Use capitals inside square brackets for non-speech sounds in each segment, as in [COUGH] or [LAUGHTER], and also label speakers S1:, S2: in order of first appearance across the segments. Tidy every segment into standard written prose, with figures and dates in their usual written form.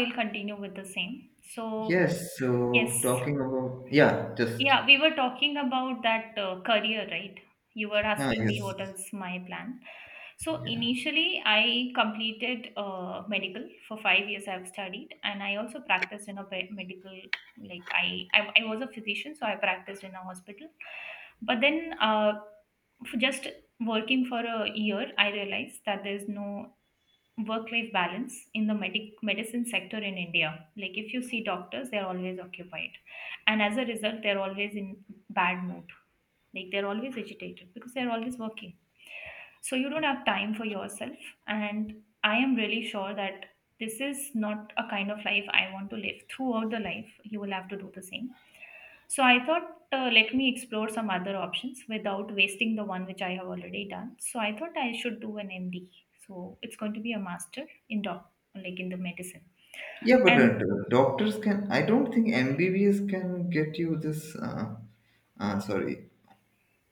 S1: We'll continue with the same. So,
S2: Yes,
S1: yes,
S2: so talking about, yeah, just
S1: yeah, we were talking about that career, right? You were
S2: yeah,
S1: asking me
S2: yes,
S1: what is my plan. So,
S2: yeah,
S1: initially, I completed medical for 5 years. I've studied, and I also practiced in a medical. Like I was a physician, so I practiced in a hospital. But then, f- just working for a year, I realized that there's no work life balance in the medicine sector in India. Like if you see doctors, they're always occupied. And as a result, they're always in bad mood, like they're always agitated because they're always working, so you don't have time for yourself. And I am really sure that this is not a kind of life I want to live. Throughout the life you will have to do the same. So I thought, let me explore some other options without wasting the one which I have already done. So I thought I should do an MD, so it's going to be a master in doc, like in the medicine.
S2: yeah. But
S1: And
S2: doctors can. I don't think MBBS can get you this. Sorry,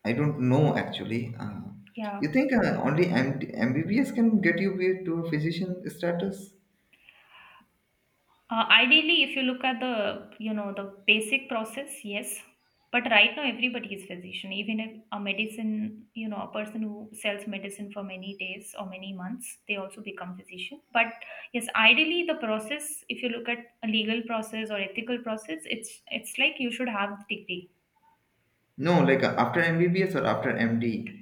S2: I don't know actually.
S1: yeah.
S2: You think only MD, MBBS can get you to a physician status?
S1: Ideally, if you look at the you know the basic process, yes. But right now, everybody is physician. Even if a medicine, you know, a person who sells medicine for many days or many months, they also become physician. But yes, ideally, the process, if you look at a legal process or ethical process, it's like you should have the degree.
S2: No, like after MBBS or after MD.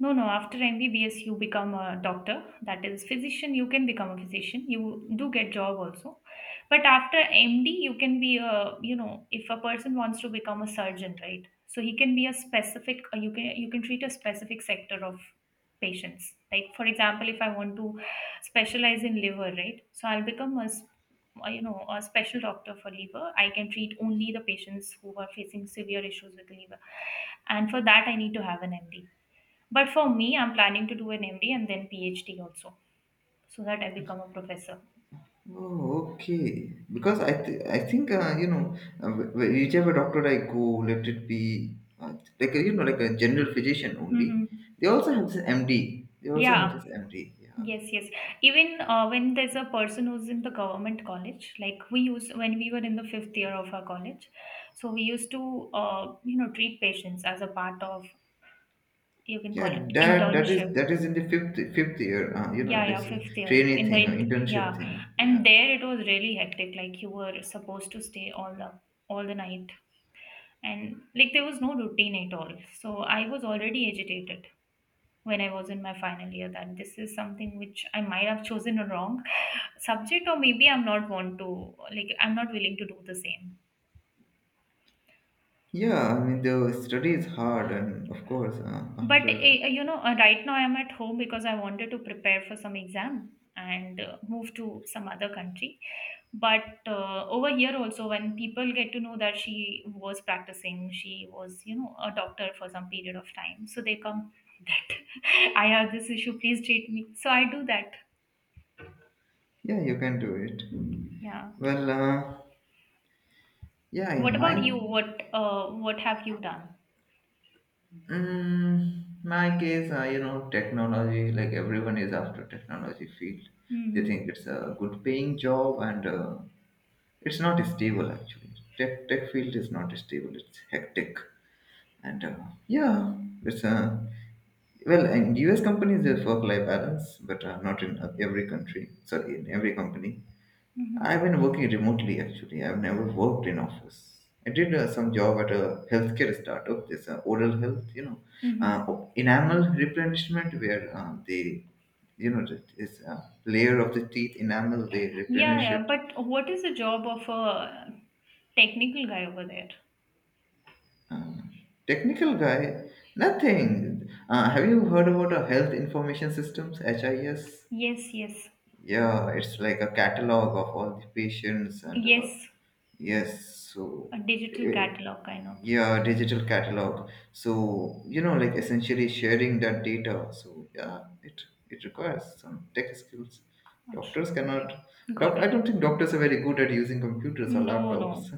S1: No, no. After MBBS, you become a doctor. That is physician. You can become a physician. You do get job also, but after MD, you can be a, you know, if a person wants to become a surgeon, right? So he can be a specific. You can treat a specific sector of patients. Like for example, if I want to specialize in liver, right? So I'll become a you know a special doctor for liver. I can treat only the patients who are facing severe issues with the liver, and for that I need to have an MD. But for me, I'm planning to do an MD and then PhD also, so that I become a professor.
S2: Oh, okay. Because I think whichever doctor I go, let it be uh, like a, like a general physician only.
S1: Hmm.
S2: They also have this MD. They also have
S1: Yeah.
S2: this MD. Yeah,
S1: Yes, yes. Even when there's a person who's in the government college, like we used when we were in the 5th year of our college, so we used to, you know, treat patients as a part of, you can call it
S2: yeah. That that is
S1: internship.
S2: that is in the fifth year. You know
S1: Yeah, yeah,
S2: this
S1: 5th year
S2: trainee
S1: in the
S2: thing,
S1: int,
S2: internship
S1: yeah,
S2: thing. Yeah.
S1: and there it was really hectic. Like you were supposed to stay all the night, and like there was no routine at all. So I was already agitated when I was in my final year, that this is something which I might have chosen a wrong [LAUGHS] subject, or maybe I'm not want to, like I'm not willing to do the same.
S2: Yeah, I mean the study is hard, and of course,
S1: But
S2: after
S1: you know, right now I'm at home because I wanted to prepare for some exam and move to some other country. But over here also, when people get to know that she was practicing, she was, you know, a doctor for some period of time. So they come that [LAUGHS] I have this issue, please treat me. So I do that.
S2: yeah, you can do it.
S1: Yeah.
S2: Well, yeah,
S1: What about you? What have you done?
S2: My case, technology, like everyone is after technology field. They think
S1: Hmm.
S2: it's a good paying job and it's not stable actually. Tech field is not stable. It's hectic. And yeah, it's well, in US companies, there's work-life balance, but not in every country. Sorry, in every company. I've
S1: Hmm.
S2: been working remotely actually. I've never worked in office. I did some job at a healthcare startup. This oral health, uh,
S1: Hmm.
S2: enamel replenishment, where they, that is a layer of the teeth enamel. They
S1: Yeah,
S2: replenish
S1: yeah.
S2: it.
S1: But what is the job of a technical guy over there?
S2: Uh, Technical guy, nothing. Have you heard about a health information systems (HIS)?
S1: Yes, yes,
S2: Yeah, it's like a catalog of all the patients and
S1: yes,
S2: Yes, so
S1: a digital
S2: eh,
S1: catalog kind of.
S2: yeah, digital catalog. So like essentially sharing that data. So yeah, it requires some tech skills.
S1: Achcha,
S2: Doctors
S1: okay,
S2: cannot.
S1: got
S2: I
S1: it.
S2: don't think doctors are very good at using computers or
S1: No, no.
S2: laptops.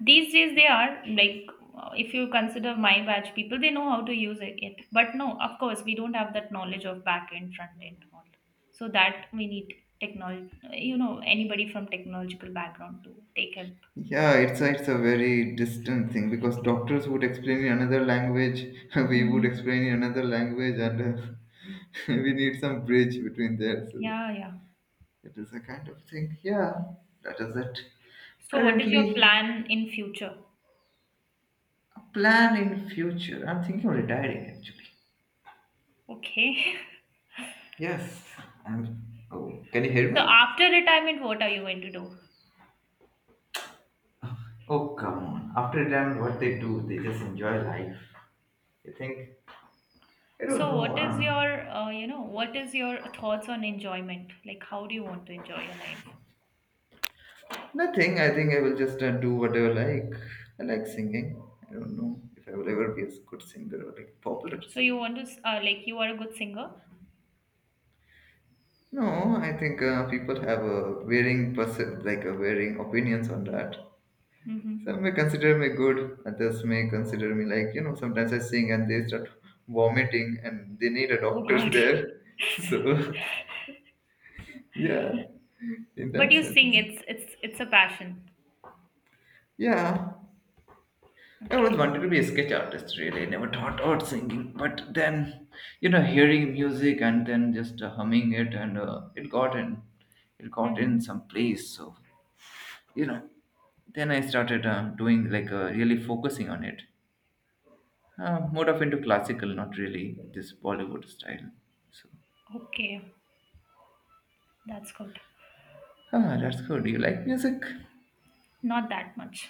S1: These days they are like, if you consider my batch people, they know how to use it. But no, of course, we don't have that knowledge of back end, front end, and all. So that we need technology, you know, anybody from technological background to take help.
S2: Yeah, it's a very distant thing because doctors would explain in another language, [LAUGHS] we would
S1: Mm-hmm.
S2: explain in another language, and [LAUGHS] we need some bridge between there. So
S1: Yeah, yeah.
S2: it is a kind of thing. Yeah, that is it.
S1: So what is your
S2: Currently,
S1: plan in future?
S2: a plan in future. I'm thinking of retiring actually.
S1: Okay. [LAUGHS]
S2: Yes, I'm. Oh, can you hear
S1: So
S2: me?
S1: after retirement, what are you going to do?
S2: Oh, come on. After retirement, what they do, they just enjoy life. They think, I don't
S1: So
S2: know.
S1: what is your you know what is your thoughts on enjoyment? Like how do you want to enjoy your life?
S2: Nothing. I think I will just do whatever I like. I like singing. I don't know if I will ever be a good singer or like popular
S1: So
S2: singer.
S1: you want to like you are a good singer?
S2: No, I think people have a varying person, like a varying opinions on that.
S1: Hmm.
S2: Some may consider me good, others may consider me like, sometimes I sing and they start vomiting and they need a
S1: Oh
S2: doctor
S1: God.
S2: [LAUGHS] there.
S1: [LAUGHS]
S2: So, yeah, in that
S1: But you sing,
S2: sense.
S1: it's a passion.
S2: Yeah. I always
S1: Okay.
S2: wanted to be a sketch artist, really. I never thought about singing. But then, hearing music and then just humming it and it got in
S1: Hmm.
S2: some place. So, you know, then I started doing like really focusing on it. More of into classical, not really this Bollywood style. So,
S1: Okay, that's good.
S2: ah, that's good. You like music?
S1: Not that much.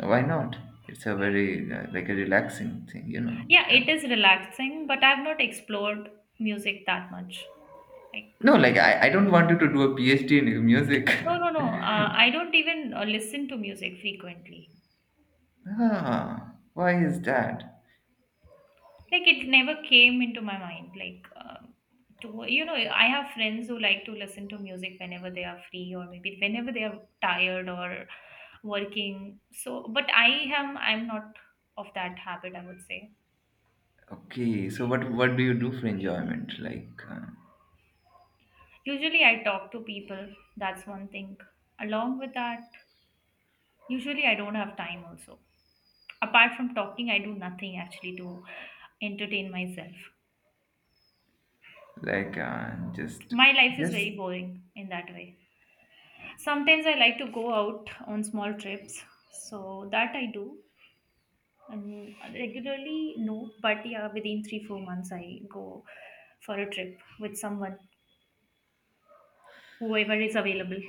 S2: Why not? It's a very like a relaxing thing. It
S1: Yeah, it is
S2: can...
S1: relaxing, but I've not explored music that much. Like,
S2: No, like I don't want you to do a PhD in music.
S1: no, no, no. I don't even listen to music frequently.
S2: [LAUGHS] Ah, why is that?
S1: Like it never came into my mind, like to, you know, I have friends who like to listen to music whenever they are free, or maybe whenever they are tired or working. So but I'm not of that habit, I would say.
S2: Okay, so what do you do for enjoyment?
S1: Usually I talk to people, that's one thing. Along with that, usually I don't have time also. Apart from talking I do nothing actually to entertain myself.
S2: Like
S1: My life is
S2: just
S1: very boring in that way. Sometimes I like to go out on small trips, so that I do. And regularly no, but yeah, within 3 4 months I go for a trip with someone, whoever is available.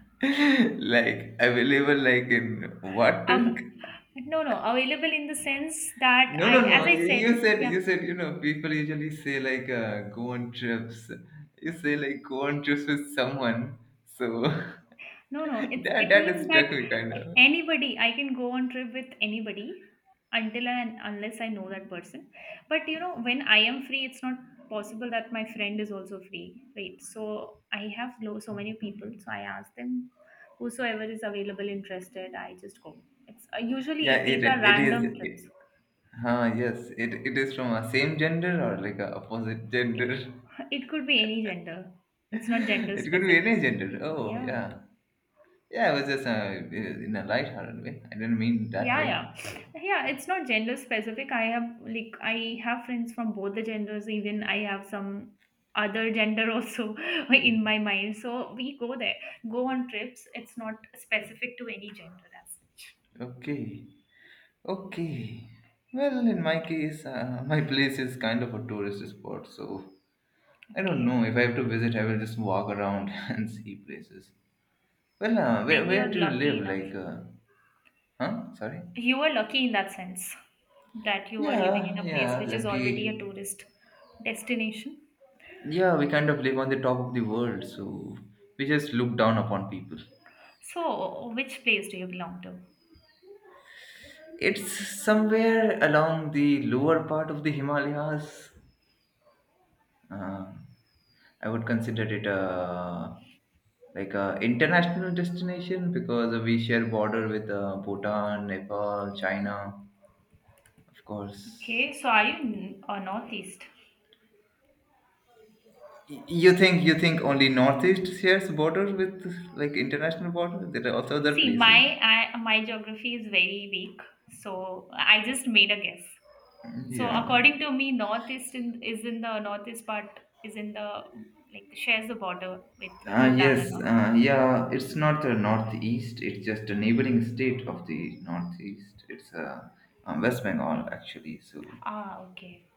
S2: [LAUGHS] like available like in what?
S1: Av-
S2: [LAUGHS]
S1: no, no, available in the sense that
S2: No, no,
S1: I,
S2: no.
S1: as I
S2: You,
S1: said,
S2: you said
S1: yeah.
S2: people usually say like go on trips. You say like go on trips with someone. So [LAUGHS]
S1: No, no, it's
S2: that
S1: it
S2: that is
S1: means
S2: struck
S1: that
S2: me kind of.
S1: anybody, I can go on trip with anybody, until and unless I know that person. But you know, when I am free, it's not possible that my friend is also free, right? So I have so many people, so I ask them whosoever is available, interested, I just go. It's
S2: Yeah,
S1: usually
S2: it
S1: these are
S2: it is.
S1: random trips.
S2: Huh, yes, it is from a same gender or like a opposite
S1: It
S2: gender.
S1: it could be any gender. It's not
S2: [LAUGHS]
S1: gender
S2: It could be
S1: specific.
S2: any gender. Oh
S1: Yeah,
S2: yeah,
S1: yeah.
S2: yeah. I was just in a light-hearted way. I didn't mean that
S1: Yeah,
S2: way. So
S1: yeah, yeah, it's not gender specific. I have, like I have friends from both the genders. Even I have some other gender also [LAUGHS] in my mind, so we go there, go on trips. It's not specific to any gender as such.
S2: okay. Okay. Well, in my case, my place is kind of a tourist spot, so I don't
S1: Okay,
S2: know. If I have to visit, I will just walk around [LAUGHS] and see places. Well,
S1: then
S2: where
S1: you're
S2: do you
S1: lucky
S2: live?
S1: enough,
S2: Huh? Sorry?
S1: you are lucky in that sense, that you are living
S2: Yeah,
S1: in a place
S2: yeah,
S1: which is already
S2: lucky.
S1: a tourist destination.
S2: Yeah, we kind of live on the top of the world, so we just look down upon people.
S1: So which place do you belong to?
S2: It's somewhere along the lower part of the Himalayas. Uh, I would consider it a like a international destination because we share border with Bhutan, Nepal, China, of course.
S1: Okay, so are you northeast?
S2: You think only Northeast shares border with like international border? There are also other
S1: See,
S2: places.
S1: my I, my geography is very weak, so I just made a guess. So
S2: Yeah.
S1: according to me, northeast in, is in the northeast part, is in the like shares the border with Bhutan and
S2: Yes.
S1: all.
S2: Yeah. It's not the Northeast. It's just a neighboring state of the Northeast. It's West Bengal actually. So
S1: Ah, okay.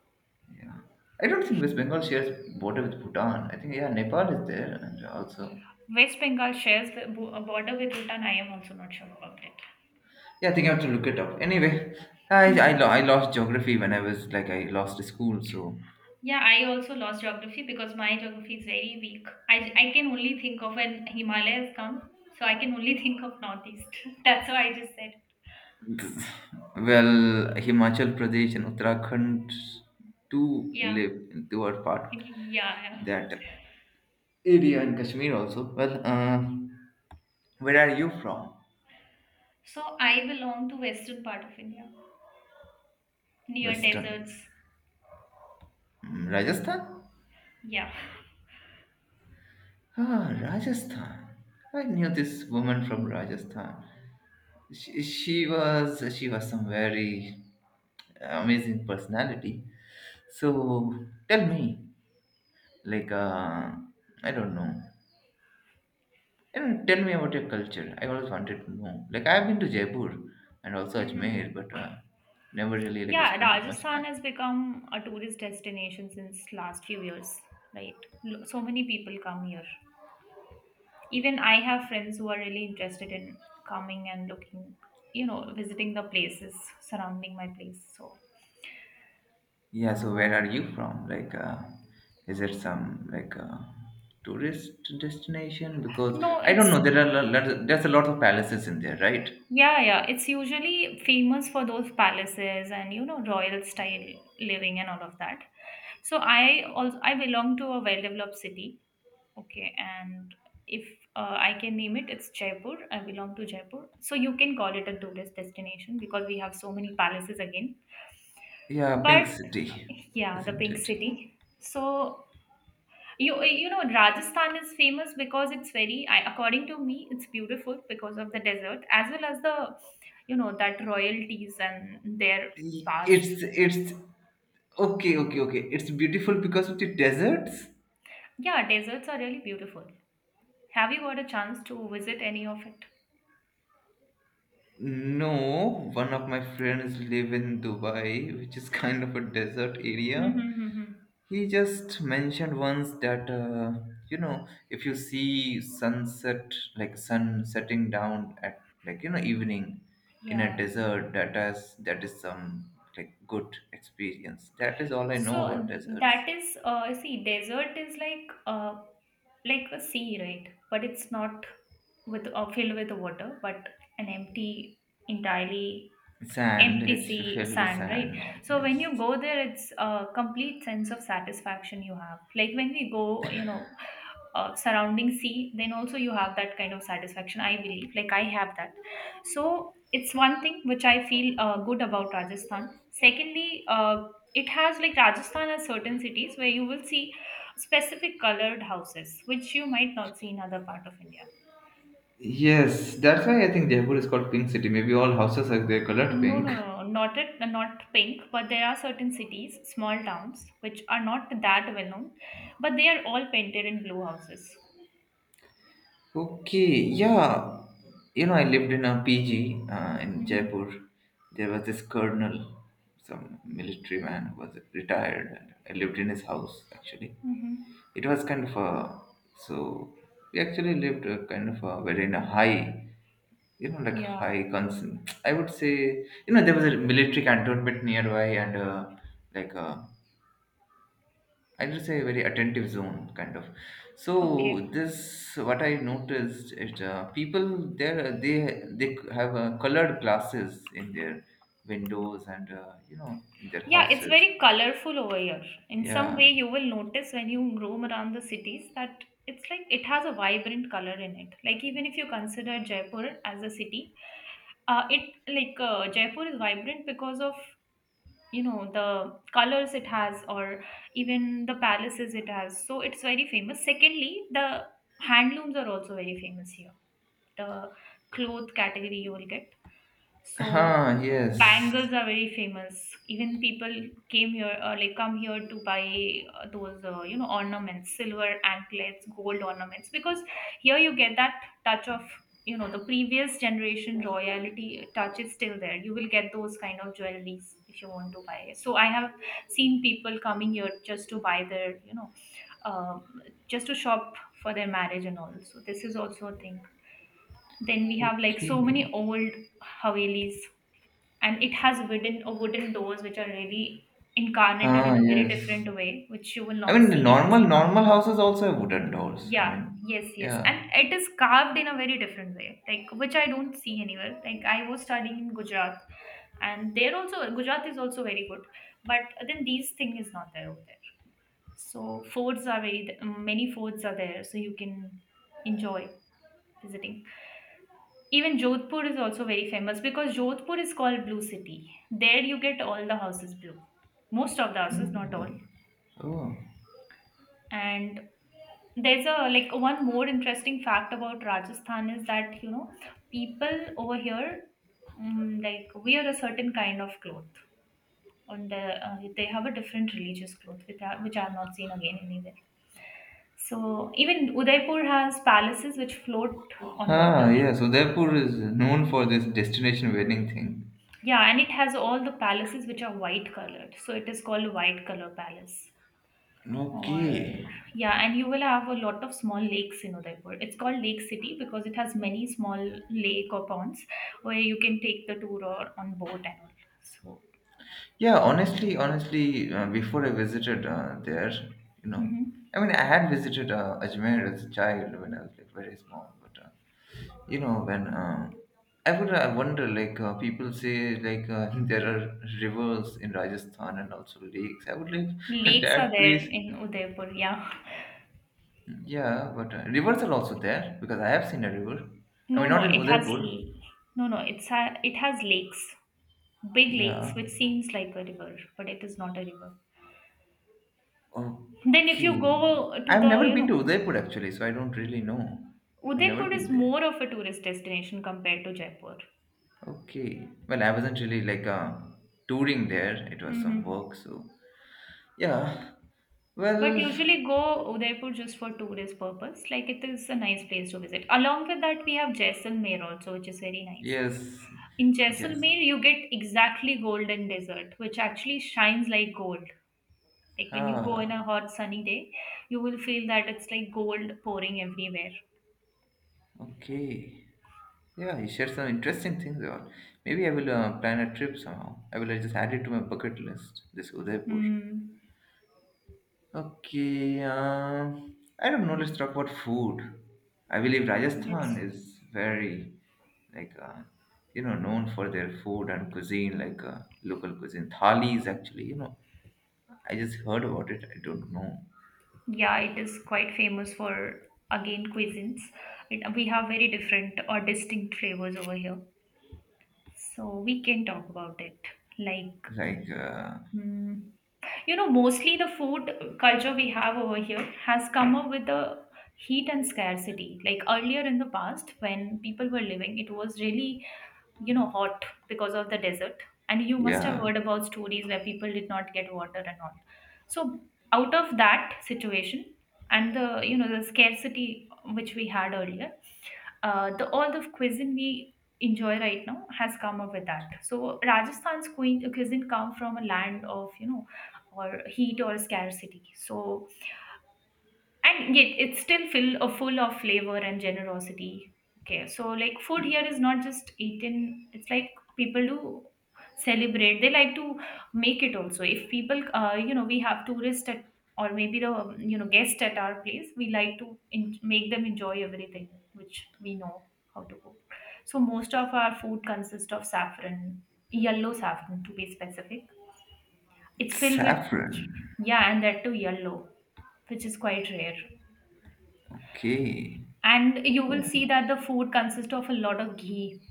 S2: I don't think West Bengal shares border with Bhutan. I think yeah, Nepal is there, and also
S1: West Bengal shares the a border with Bhutan. I am also not sure about it.
S2: yeah, I think I have to look it up. Anyway, I I, lo-
S1: Mhm.
S2: I lost geography when I was like I lost school. So
S1: Yeah, I also lost geography because my geography is very weak. I can only think of when Himalayas come, so I can only [LAUGHS] think of northeast. [LAUGHS] That's why I just said.
S2: well, Himachal Pradesh and Uttarakhand do
S1: Yeah,
S2: live do are part
S1: yeah, yeah.
S2: of that area and Kashmir also. Well, where are you from?
S1: So I belong to western part of India, near
S2: Western
S1: deserts.
S2: Rajasthan.
S1: Yeah.
S2: Ah, Rajasthan. I knew this woman from Rajasthan. She was some very amazing personality, so tell me, like I don't know. I do tell me about your culture. I always wanted to know. Like, I've been to Jaipur and also Ajmer,
S1: Hmm.
S2: but never really like
S1: Yeah,
S2: spent much
S1: Rajasthan
S2: time.
S1: has become a tourist destination since last few years, right? So many people come here. Even I have friends who are really interested in coming and looking, you know, visiting the places surrounding my place. So,
S2: Yeah, so where
S1: uh,
S2: are you from? Like is it some like tourist destination? Because
S1: no,
S2: I don't
S1: it's.
S2: know, there's a lot of palaces in there, right?
S1: Yeah, yeah. It's usually famous for those palaces and you know royal style living and all of that. So I also I belong to a well-developed city. Okay, and if I can name it, it's Jaipur. I belong to Jaipur. So you can call it a tourist destination because we have so many palaces again.
S2: Yeah,
S1: But
S2: pink city,
S1: yeah, the
S2: isn't
S1: pink
S2: it?
S1: city. So you know Rajasthan is famous because it's very I, according to me it's beautiful because of the desert as well as the you know that royalties and their past.
S2: It's okay, okay, okay. It's beautiful because of the deserts.
S1: Yeah, deserts are really beautiful. Have you got a chance to visit any of it?
S2: No, one of my friends live in Dubai, which is kind of a desert area.
S1: Mm-hmm.
S2: He just mentioned once that if you see sunset, like sun setting down at like evening in a
S1: Yeah.
S2: desert, that is some like good experience. That is all I know about
S1: So
S2: deserts.
S1: that is see, desert is like a sea, right? But it's not with filled with water, but an empty entirely
S2: Sand,
S1: empty
S2: it's
S1: sea
S2: filled with
S1: sand, right?
S2: sand.
S1: So when
S2: Yes.
S1: you go there it's a complete sense of satisfaction you have, like when we go you know surrounding sea, then also you have that kind of satisfaction I believe, like I have that. So it's one thing which I feel good about Rajasthan. Secondly, it has like Rajasthan has certain cities where you will see specific colored houses which you might not see in other part of India.
S2: Yes, that's why I think Jaipur is called Pink City. Maybe all houses are they colored
S1: No, no,
S2: pink.
S1: no, no, not it, not pink, but there are certain cities, small towns, which are not that well known, but they are all painted in blue houses.
S2: Okay, yeah. You know, I lived in a PG in
S1: Mm-hmm.
S2: Jaipur. There was this colonel, some military man who was retired, and I lived in his house actually.
S1: Mm-hmm.
S2: It was kind of a so we actually lived a kind of a very in a high, like
S1: Yeah.
S2: high concern. I would say, there was a military cantonment nearby and like a I will say very attentive zone kind of.
S1: Okay.
S2: So this what I noticed is people there they have colored glasses in their windows and in their
S1: Yeah, it's
S2: houses.
S1: very colorful over here. In some
S2: Yeah.
S1: way, you will notice when you roam around the cities that it's like it has a vibrant color in it. Like even if you consider Jaipur as a city, it like Jaipur is vibrant because of you know the colors it has, or even the palaces it has, so it's very famous. Secondly, the handlooms are also very famous here, the cloth category you will get. So
S2: Huh, yes.
S1: bangles are very famous. Even people came here, or like come here to buy those you know, ornaments, silver anklets, gold ornaments, because here you get that touch of, you know, the previous generation royalty touch is still there. You will get those kind of jewelries if you want to buy. So I have seen people coming here just to buy their, um, just to shop for their marriage and all. So this is also a thing. Then we have like so
S2: Okay.
S1: many old havelis, and it has wooden or wooden doors which are really incarnated
S2: Ah,
S1: in a very
S2: yes.
S1: different way which you will
S2: I
S1: not
S2: mean, the
S1: see, it
S2: normal
S1: is carved.
S2: normal houses also have wooden doors. I
S1: Yeah,
S2: mean,
S1: yes, yes,
S2: yeah.
S1: and it is carved in a very different way, like which I don't see anywhere. Like I was studying in Gujarat, and there also Gujarat is also very good, but then these thing is not there over there. So forts are very, many forts are there, so you can enjoy visiting. Even Jodhpur is also very famous, because Jodhpur is called Blue City. There you get all the houses blue. Most of the houses, not
S2: Oh.
S1: all.
S2: Oh.
S1: And there's a, like one more interesting fact about Rajasthan is that, you know, people over here like wear a certain kind of cloth on the they have a different religious cloth with that, which I have not seen again anywhere. So even Udaipur has palaces which float on water.
S2: Ah, yeah. So Jaipur is known for this destination wedding thing.
S1: Yeah, and it has all the palaces which are white colored. So it is called White Color Palace.
S2: Okay.
S1: Or, yeah, and you will have a lot of small lakes in Udaipur. It's called Lake City because it has many small lake or ponds where you can take the tour or on boat and all. So,
S2: Yeah, honestly, honestly, before I visited there, you know,
S1: mhm.
S2: I mean, I had visited Ajmer as a child when I was like very small, but when I wonder like people say like [LAUGHS] there are rivers in Rajasthan and also lakes. I would like [LAUGHS]
S1: Lakes are
S2: that
S1: there
S2: place.
S1: in Udaipur, yeah.
S2: Yeah, but rivers are also there because I have seen a river. I
S1: No,
S2: mean,
S1: no,
S2: not in
S1: it has,
S2: Udaipur.
S1: no, no, it has lakes, big
S2: Yeah.
S1: lakes, which seems like a river, but it is not a river. Then if you
S2: Okay.
S1: go to
S2: I've
S1: the,
S2: never
S1: you
S2: been to
S1: know,
S2: Udaipur actually, so I don't really know. I've never
S1: Udaipur
S2: been
S1: is
S2: there.
S1: more of a tourist destination compared to Jaipur.
S2: Okay. Well, I wasn't really like touring there. It was some
S1: Mm-hmm.
S2: work, so yeah.
S1: But
S2: Well,
S1: usually go Udaipur just for tourist purpose. Like it is a nice place to visit. Along with that, we have Jaisalmer also, which is very nice.
S2: yes,
S1: In
S2: yes.
S1: Jaisalmer, you get exactly golden desert, which actually shines like gold. Like when you go in a
S2: Ah,
S1: hot sunny day, you will feel that it's like gold pouring everywhere.
S2: okay. Yeah, you shared some interesting things. Or maybe I will plan a trip somehow. I will just add it to my bucket list. This Udaipur.
S1: Mm.
S2: Okay, I don't know. Let's talk about food. I believe Rajasthan
S1: That's,
S2: is very, like, uh, known for their food and cuisine, like local cuisine. Thali is actually, I just heard about it. I don't know.
S1: yeah, it is quite famous for, again, cuisines. It, we have very different or distinct flavors over here, so we can talk about it. Like,
S2: Like,
S1: mm, you know, mostly the food culture we have over here has come up with the heat and scarcity. Like earlier in the past, when people were living, it was really, you know, hot because of the desert, and you must have
S2: yeah,
S1: heard about stories where people did not get water and all. So out of that situation and the, you know, the scarcity which we had earlier, the all the cuisine we enjoy right now has come up with that. So Rajasthan's cuisine come from a land of, you know, or heat or scarcity. So and yet it's still full of flavor and generosity. Okay, so like food here is not just eaten, it's like people do celebrate, they like to make it also. If people you know, we have tourists at, or maybe the you know, guest at our place, we like to make them enjoy everything which we know how to cook. So most of our food consists of saffron, yellow saffron to be specific. It's filled with,
S2: saffron.
S1: yeah, and that too yellow, which is quite rare.
S2: Okay.
S1: And you will see that the food consists of a lot of ghee.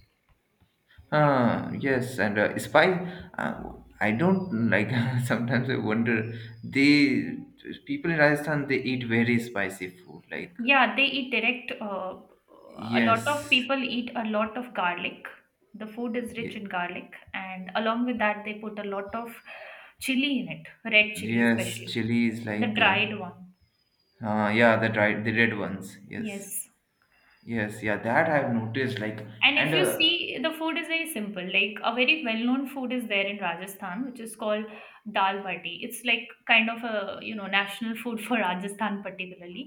S1: That,
S2: Ah, yes, and spice. Uh, I don't like. [LAUGHS] Sometimes I wonder. They People in Rajasthan they eat very spicy food, like
S1: yeah, they eat direct a lot of
S2: yes,
S1: people eat a lot of garlic. The food is rich
S2: Ye-
S1: in garlic, and along with that they put a lot of chili in it, red chili
S2: yes,
S1: especially,
S2: chili is
S1: the
S2: like,
S1: dried one.
S2: yeah, the red ones. Yes,
S1: Yes,
S2: yes, yeah, that I've noticed. Like,
S1: and
S2: and
S1: if you see, the food is very simple. Like a very well-known food is there in Rajasthan, which is called dal bati. It's like kind of a, you know, national food for Rajasthan particularly.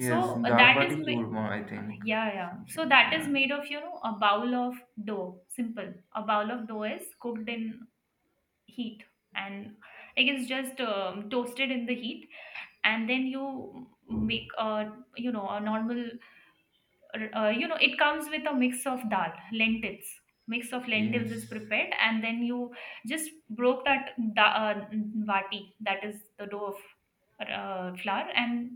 S1: So
S2: dal
S1: that
S2: bati
S1: is,
S2: churma, I think
S1: yeah, yeah. So
S2: something.
S1: that is
S2: Yeah,
S1: made of, you know, a bowl of dough. Simple. A bowl of dough is cooked in heat, and it is just toasted in the heat. And then you make a, you know, a normal you know, it comes with a mix of dal lentils. Mix of lentils
S2: yes,
S1: is prepared, and then you just broke that vati, that is the dough of flour, and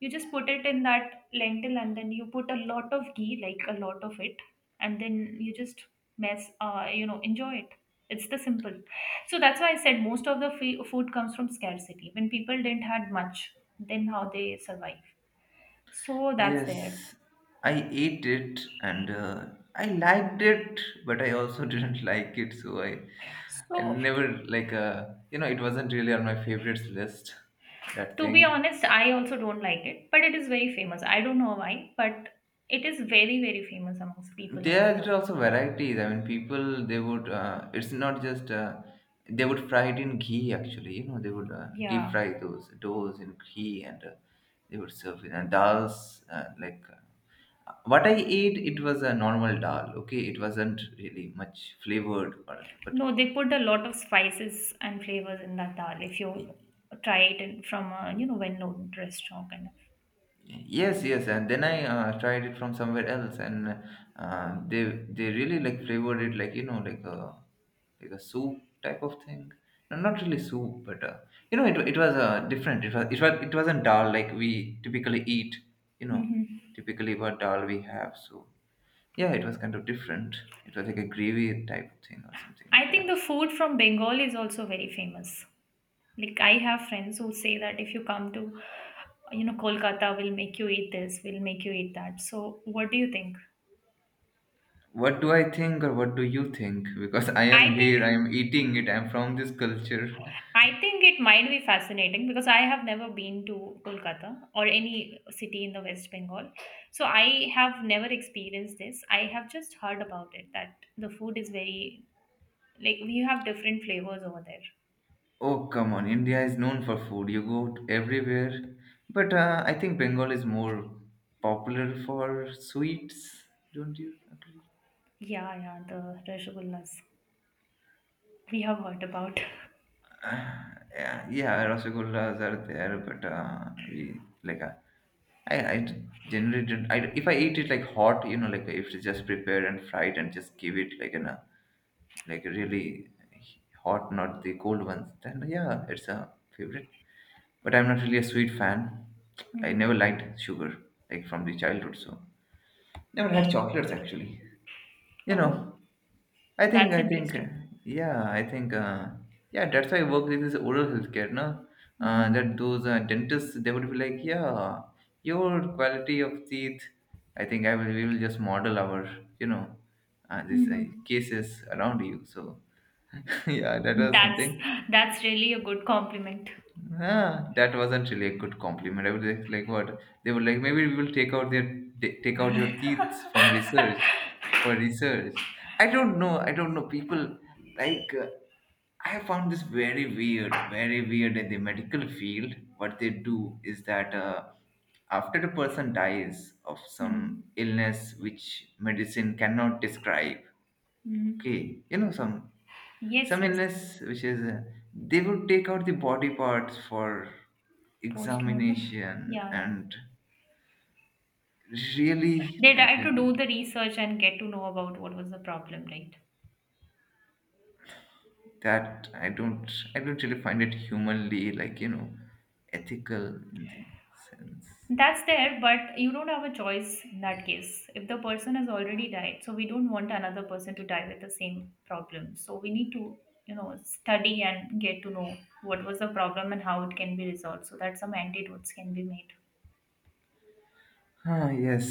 S1: you just put it in that lentil, and then you put a lot of ghee, like a lot of it, and then you just mess you know, enjoy it. It's the simple. So that's why I said most of the food comes from scarcity, when people didn't had much, then how they survive. So that's there.
S2: yes, I ate it and I liked it, but I also [LAUGHS] didn't like it. So I
S1: So
S2: never like, it wasn't really on my favorites list. That
S1: to be
S2: thing.
S1: honest, I also don't like it, but it is very famous. I don't know why, but it is very, very famous amongst people over
S2: There
S1: here.
S2: are also varieties. I mean, people they would. It's not just. They would fry it in ghee. Actually, they would deep
S1: Yeah.
S2: fry those doughs in ghee, and they would serve it. And dals, like what I ate, it was a normal dal. Okay, it wasn't really much flavored, or, but
S1: No, they put a lot of spices and flavors in that dal if you try it in, from a, you know, well-known restaurant kind of.
S2: yes, yes, and then I tried it from somewhere else, and uh, they they really like flavored it like you know like a soup type of thing. No, not really soup, but it was different. It wasn't dal like we typically eat. You know,
S1: Hmm.
S2: typically what dal we have. So yeah, it was kind of different. It was like a gravy type of thing or something like
S1: I think
S2: that.
S1: the food from Bengal is also very famous. Like I have friends who say that if you come to, you know, Kolkata, we'll make you eat this, we'll make you eat that. So what do you think?
S2: What do I think or what do you think? Because I am
S1: I think,
S2: here, I am eating it, I am from this culture.
S1: I think it might be fascinating because I have never been to Kolkata or any city in the West Bengal. So I have never experienced this. I have just heard about it that the food is very, like, we have different flavors over there.
S2: Oh, come on. India is known for food. You go everywhere. But I think Bengal is more popular for sweets. Don't you agree? [SIGHS]
S1: Yeah, yeah, the rasgullas we have heard about.
S2: Yeah, yeah, rasagollas are there, but we like I generally don't. I, if I eat it like hot, you know, like if it's just prepared and fried and just give it like in a like really hot, not the cold ones, then yeah, it's a favorite. But I'm not really a sweet fan. I
S1: Hmm.
S2: never liked sugar, like from the childhood, so never had chocolates actually. You
S1: Oh,
S2: know,
S1: that's
S2: I think,
S1: interesting.
S2: yeah, I think, yeah, that's why I work with this oral healthcare, no?
S1: Hmm.
S2: That those dentists, they would be like, yeah, your quality of teeth, I think I will, we will just model our, you know, these
S1: Hmm.
S2: cases around you. So, [LAUGHS] yeah, that was
S1: That's
S2: something.
S1: that's really a good compliment.
S2: Ah, that wasn't really a good compliment. I would like what they were like. Maybe we will take out their take out your
S1: [LAUGHS]
S2: teeth from research for research. I don't know. I don't know. People like I found this very weird in the medical field. What they do is that after the person dies of
S1: Mhm.
S2: some
S1: Mhm.
S2: illness which medicine cannot describe, okay, you know
S1: Yes,
S2: some
S1: yes.
S2: illness which is they would take out the body parts for
S1: Post-mortem?
S2: examination
S1: Yeah, yeah.
S2: and really
S1: They
S2: that
S1: try
S2: is
S1: to do the research and get to know about what was the problem, right?
S2: that I don't really find it humanly like you know ethical in the sense.
S1: That's there, but you don't have a choice in that case. If the person has already died, so we don't want another person to die with the same problem. So we need to, you know, study and get to know what was the problem and how it can be resolved so that some antidotes can be made.
S2: Ah yes,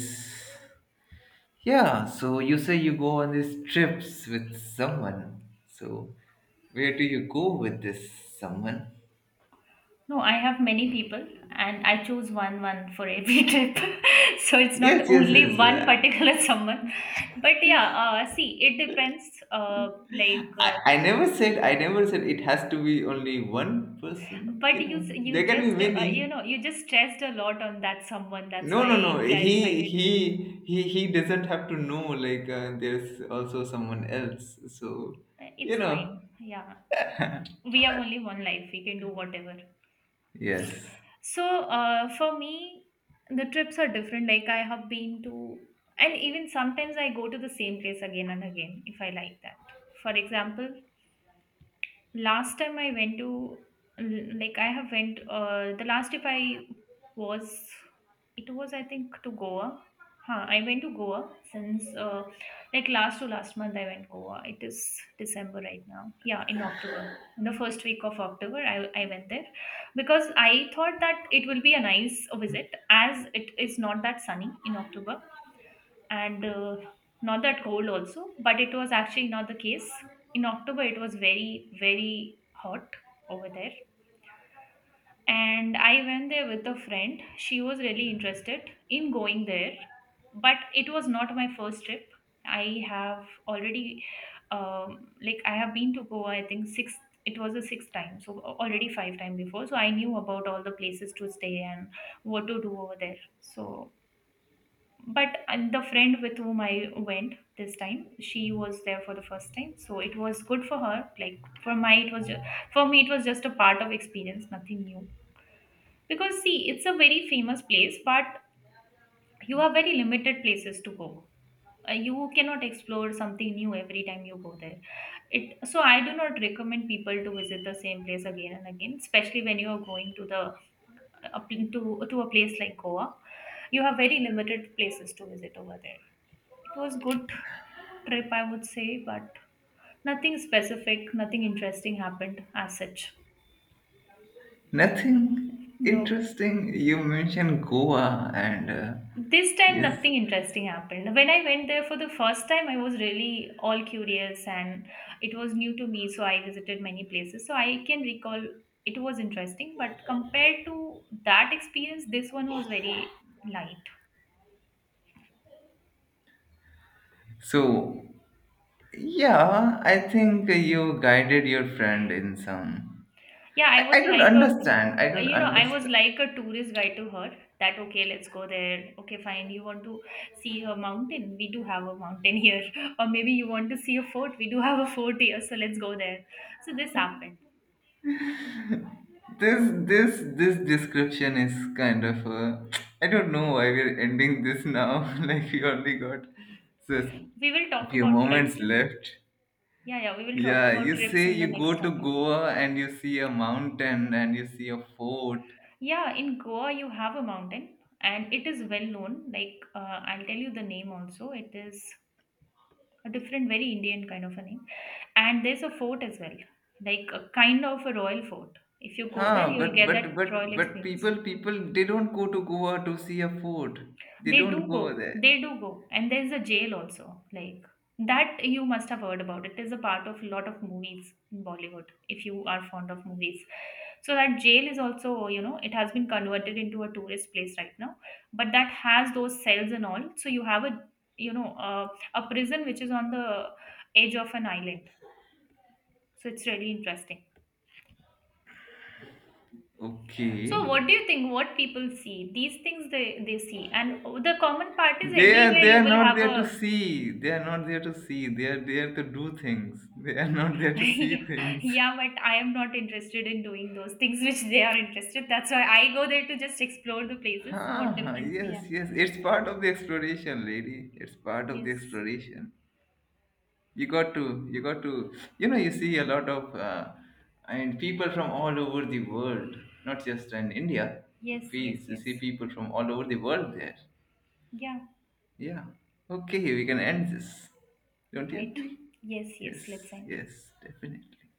S2: yeah, so you say you go on these trips with someone, so where do you go with this someone?
S1: No, I have many people, and I choose one for every [LAUGHS] trip. So it's
S2: Yes,
S1: not
S2: yes,
S1: only
S2: yes,
S1: one particular [LAUGHS] someone. But yeah, see, it depends, uh, like uh,
S2: I never said it has to be only one person.
S1: but
S2: You know,
S1: you
S2: there can be
S1: just, you
S2: many.
S1: know, you just stressed a lot on that someone. That's
S2: No,
S1: why
S2: no, no.
S1: I clarified
S2: He
S1: it.
S2: he he he doesn't have to know like there's also someone else. So you
S1: It's
S2: know,
S1: fine. Yeah. We have only one life. We can do whatever.
S2: yes,
S1: So for me, the trips are different. Like I have been to, and even sometimes I go to the same place again and again if I like that. For example, last time I went to, like I have went the last trip I was it was I think to Goa. Huh, I went to Goa since like last to last month, I went Goa. It is December right now. Yeah, in October. In the first week of October, I went there because I thought that it will be a nice visit as it is not that sunny in October, and not that cold also, but it was actually not the case. In October it was very, very hot over there. And I went there with a friend, she was really interested in going there, but it was not my first trip. I have already like I have been to Goa, I think, sixth, it was the sixth time. So a- already five time before, so I knew about all the places to stay and what to do over there. So but and the friend with whom I went this time, she was there for the first time, so it was good for her. Like for my, it was just, for me, it was just a part of experience, nothing new. Because see, it's a very famous place, but you have very limited places to go. You cannot explore something new every time you go there. It so I do not recommend people to visit the same place again and again, especially when you are going to the up to a place like Goa. You have very limited places to visit over there. It was good trip, I would say, but nothing specific, nothing interesting happened as such.
S2: nothing
S1: No.
S2: interesting. You mentioned Goa and
S1: This time
S2: yes.
S1: nothing interesting happened. When I went there for the first time, I was really all curious, and it was new to me, so I visited many places. So I can recall it was interesting, but compared to that experience, this one was very light.
S2: So yeah, I think you guided your friend in some.
S1: Yeah,
S2: I,
S1: I
S2: I
S1: was
S2: don't
S1: like
S2: understand. I
S1: a,
S2: don't
S1: you know, I was
S2: understand.
S1: like a tourist guide to her. That okay, let's go there. Okay, fine. You want to see a mountain? We do have a mountain here. [LAUGHS] Or maybe you want to see a fort? We do have a fort here. So let's go there. So this happened.
S2: This this description is kind of [TSK] I don't know why we're ending this now. [LAUGHS] Like we only got just
S1: We will
S2: a
S1: talk
S2: few
S1: about trips,
S2: moments
S1: and
S2: left.
S1: yeah, yeah, we will talk
S2: Yeah,
S1: about
S2: you
S1: trips
S2: say
S1: in the
S2: you
S1: next
S2: go to
S1: topic.
S2: Goa and you see a mountain and you see a fort.
S1: Yeah, in Goa you have a mountain, and it is well known. Like I'll tell you the name also. It is a different, very Indian kind of a name. And there's a fort as well, like a kind of a royal fort. If you go there,
S2: Huh,
S1: you'll
S2: but
S1: get that royal experience.
S2: people they don't go to Goa to see a fort. They don't go there.
S1: They do go, and there's a jail also, like that you must have heard about. It is a part of a lot of movies in Bollywood, if you are fond of movies. So that jail is also, you know, it has been converted into a tourist place right now, but that has those cells and all. So you have a, you know, a prison which is on the edge of an island, so it's really interesting. So
S2: Okay.
S1: what do you think what people see these things, they see, and the common part is
S2: They are
S1: everywhere
S2: they
S1: you
S2: are
S1: will
S2: not
S1: have
S2: there to
S1: a
S2: see. They are not there to see. They are there to do things. They are not there
S1: [LAUGHS]
S2: to see
S1: yeah,
S2: things.
S1: yeah, but I am not interested in doing those things which they are interested. That's why I go there to just explore the places,
S2: Huh,
S1: what
S2: huh,
S1: difference we
S2: yes,
S1: have.
S2: yes. It's part of the exploration, lady. It's part of the
S1: Yes,
S2: exploration. You got to, you know, you see a lot of, I mean, people from all over the world, not just in India.
S1: yes, yes,
S2: You
S1: yes,
S2: see people from all over the world there.
S1: yeah,
S2: Yeah. Okay, we can end this. Don't you
S1: right,
S2: agree?
S1: yes,
S2: Yes,
S1: yes, let's end.
S2: yes, definitely.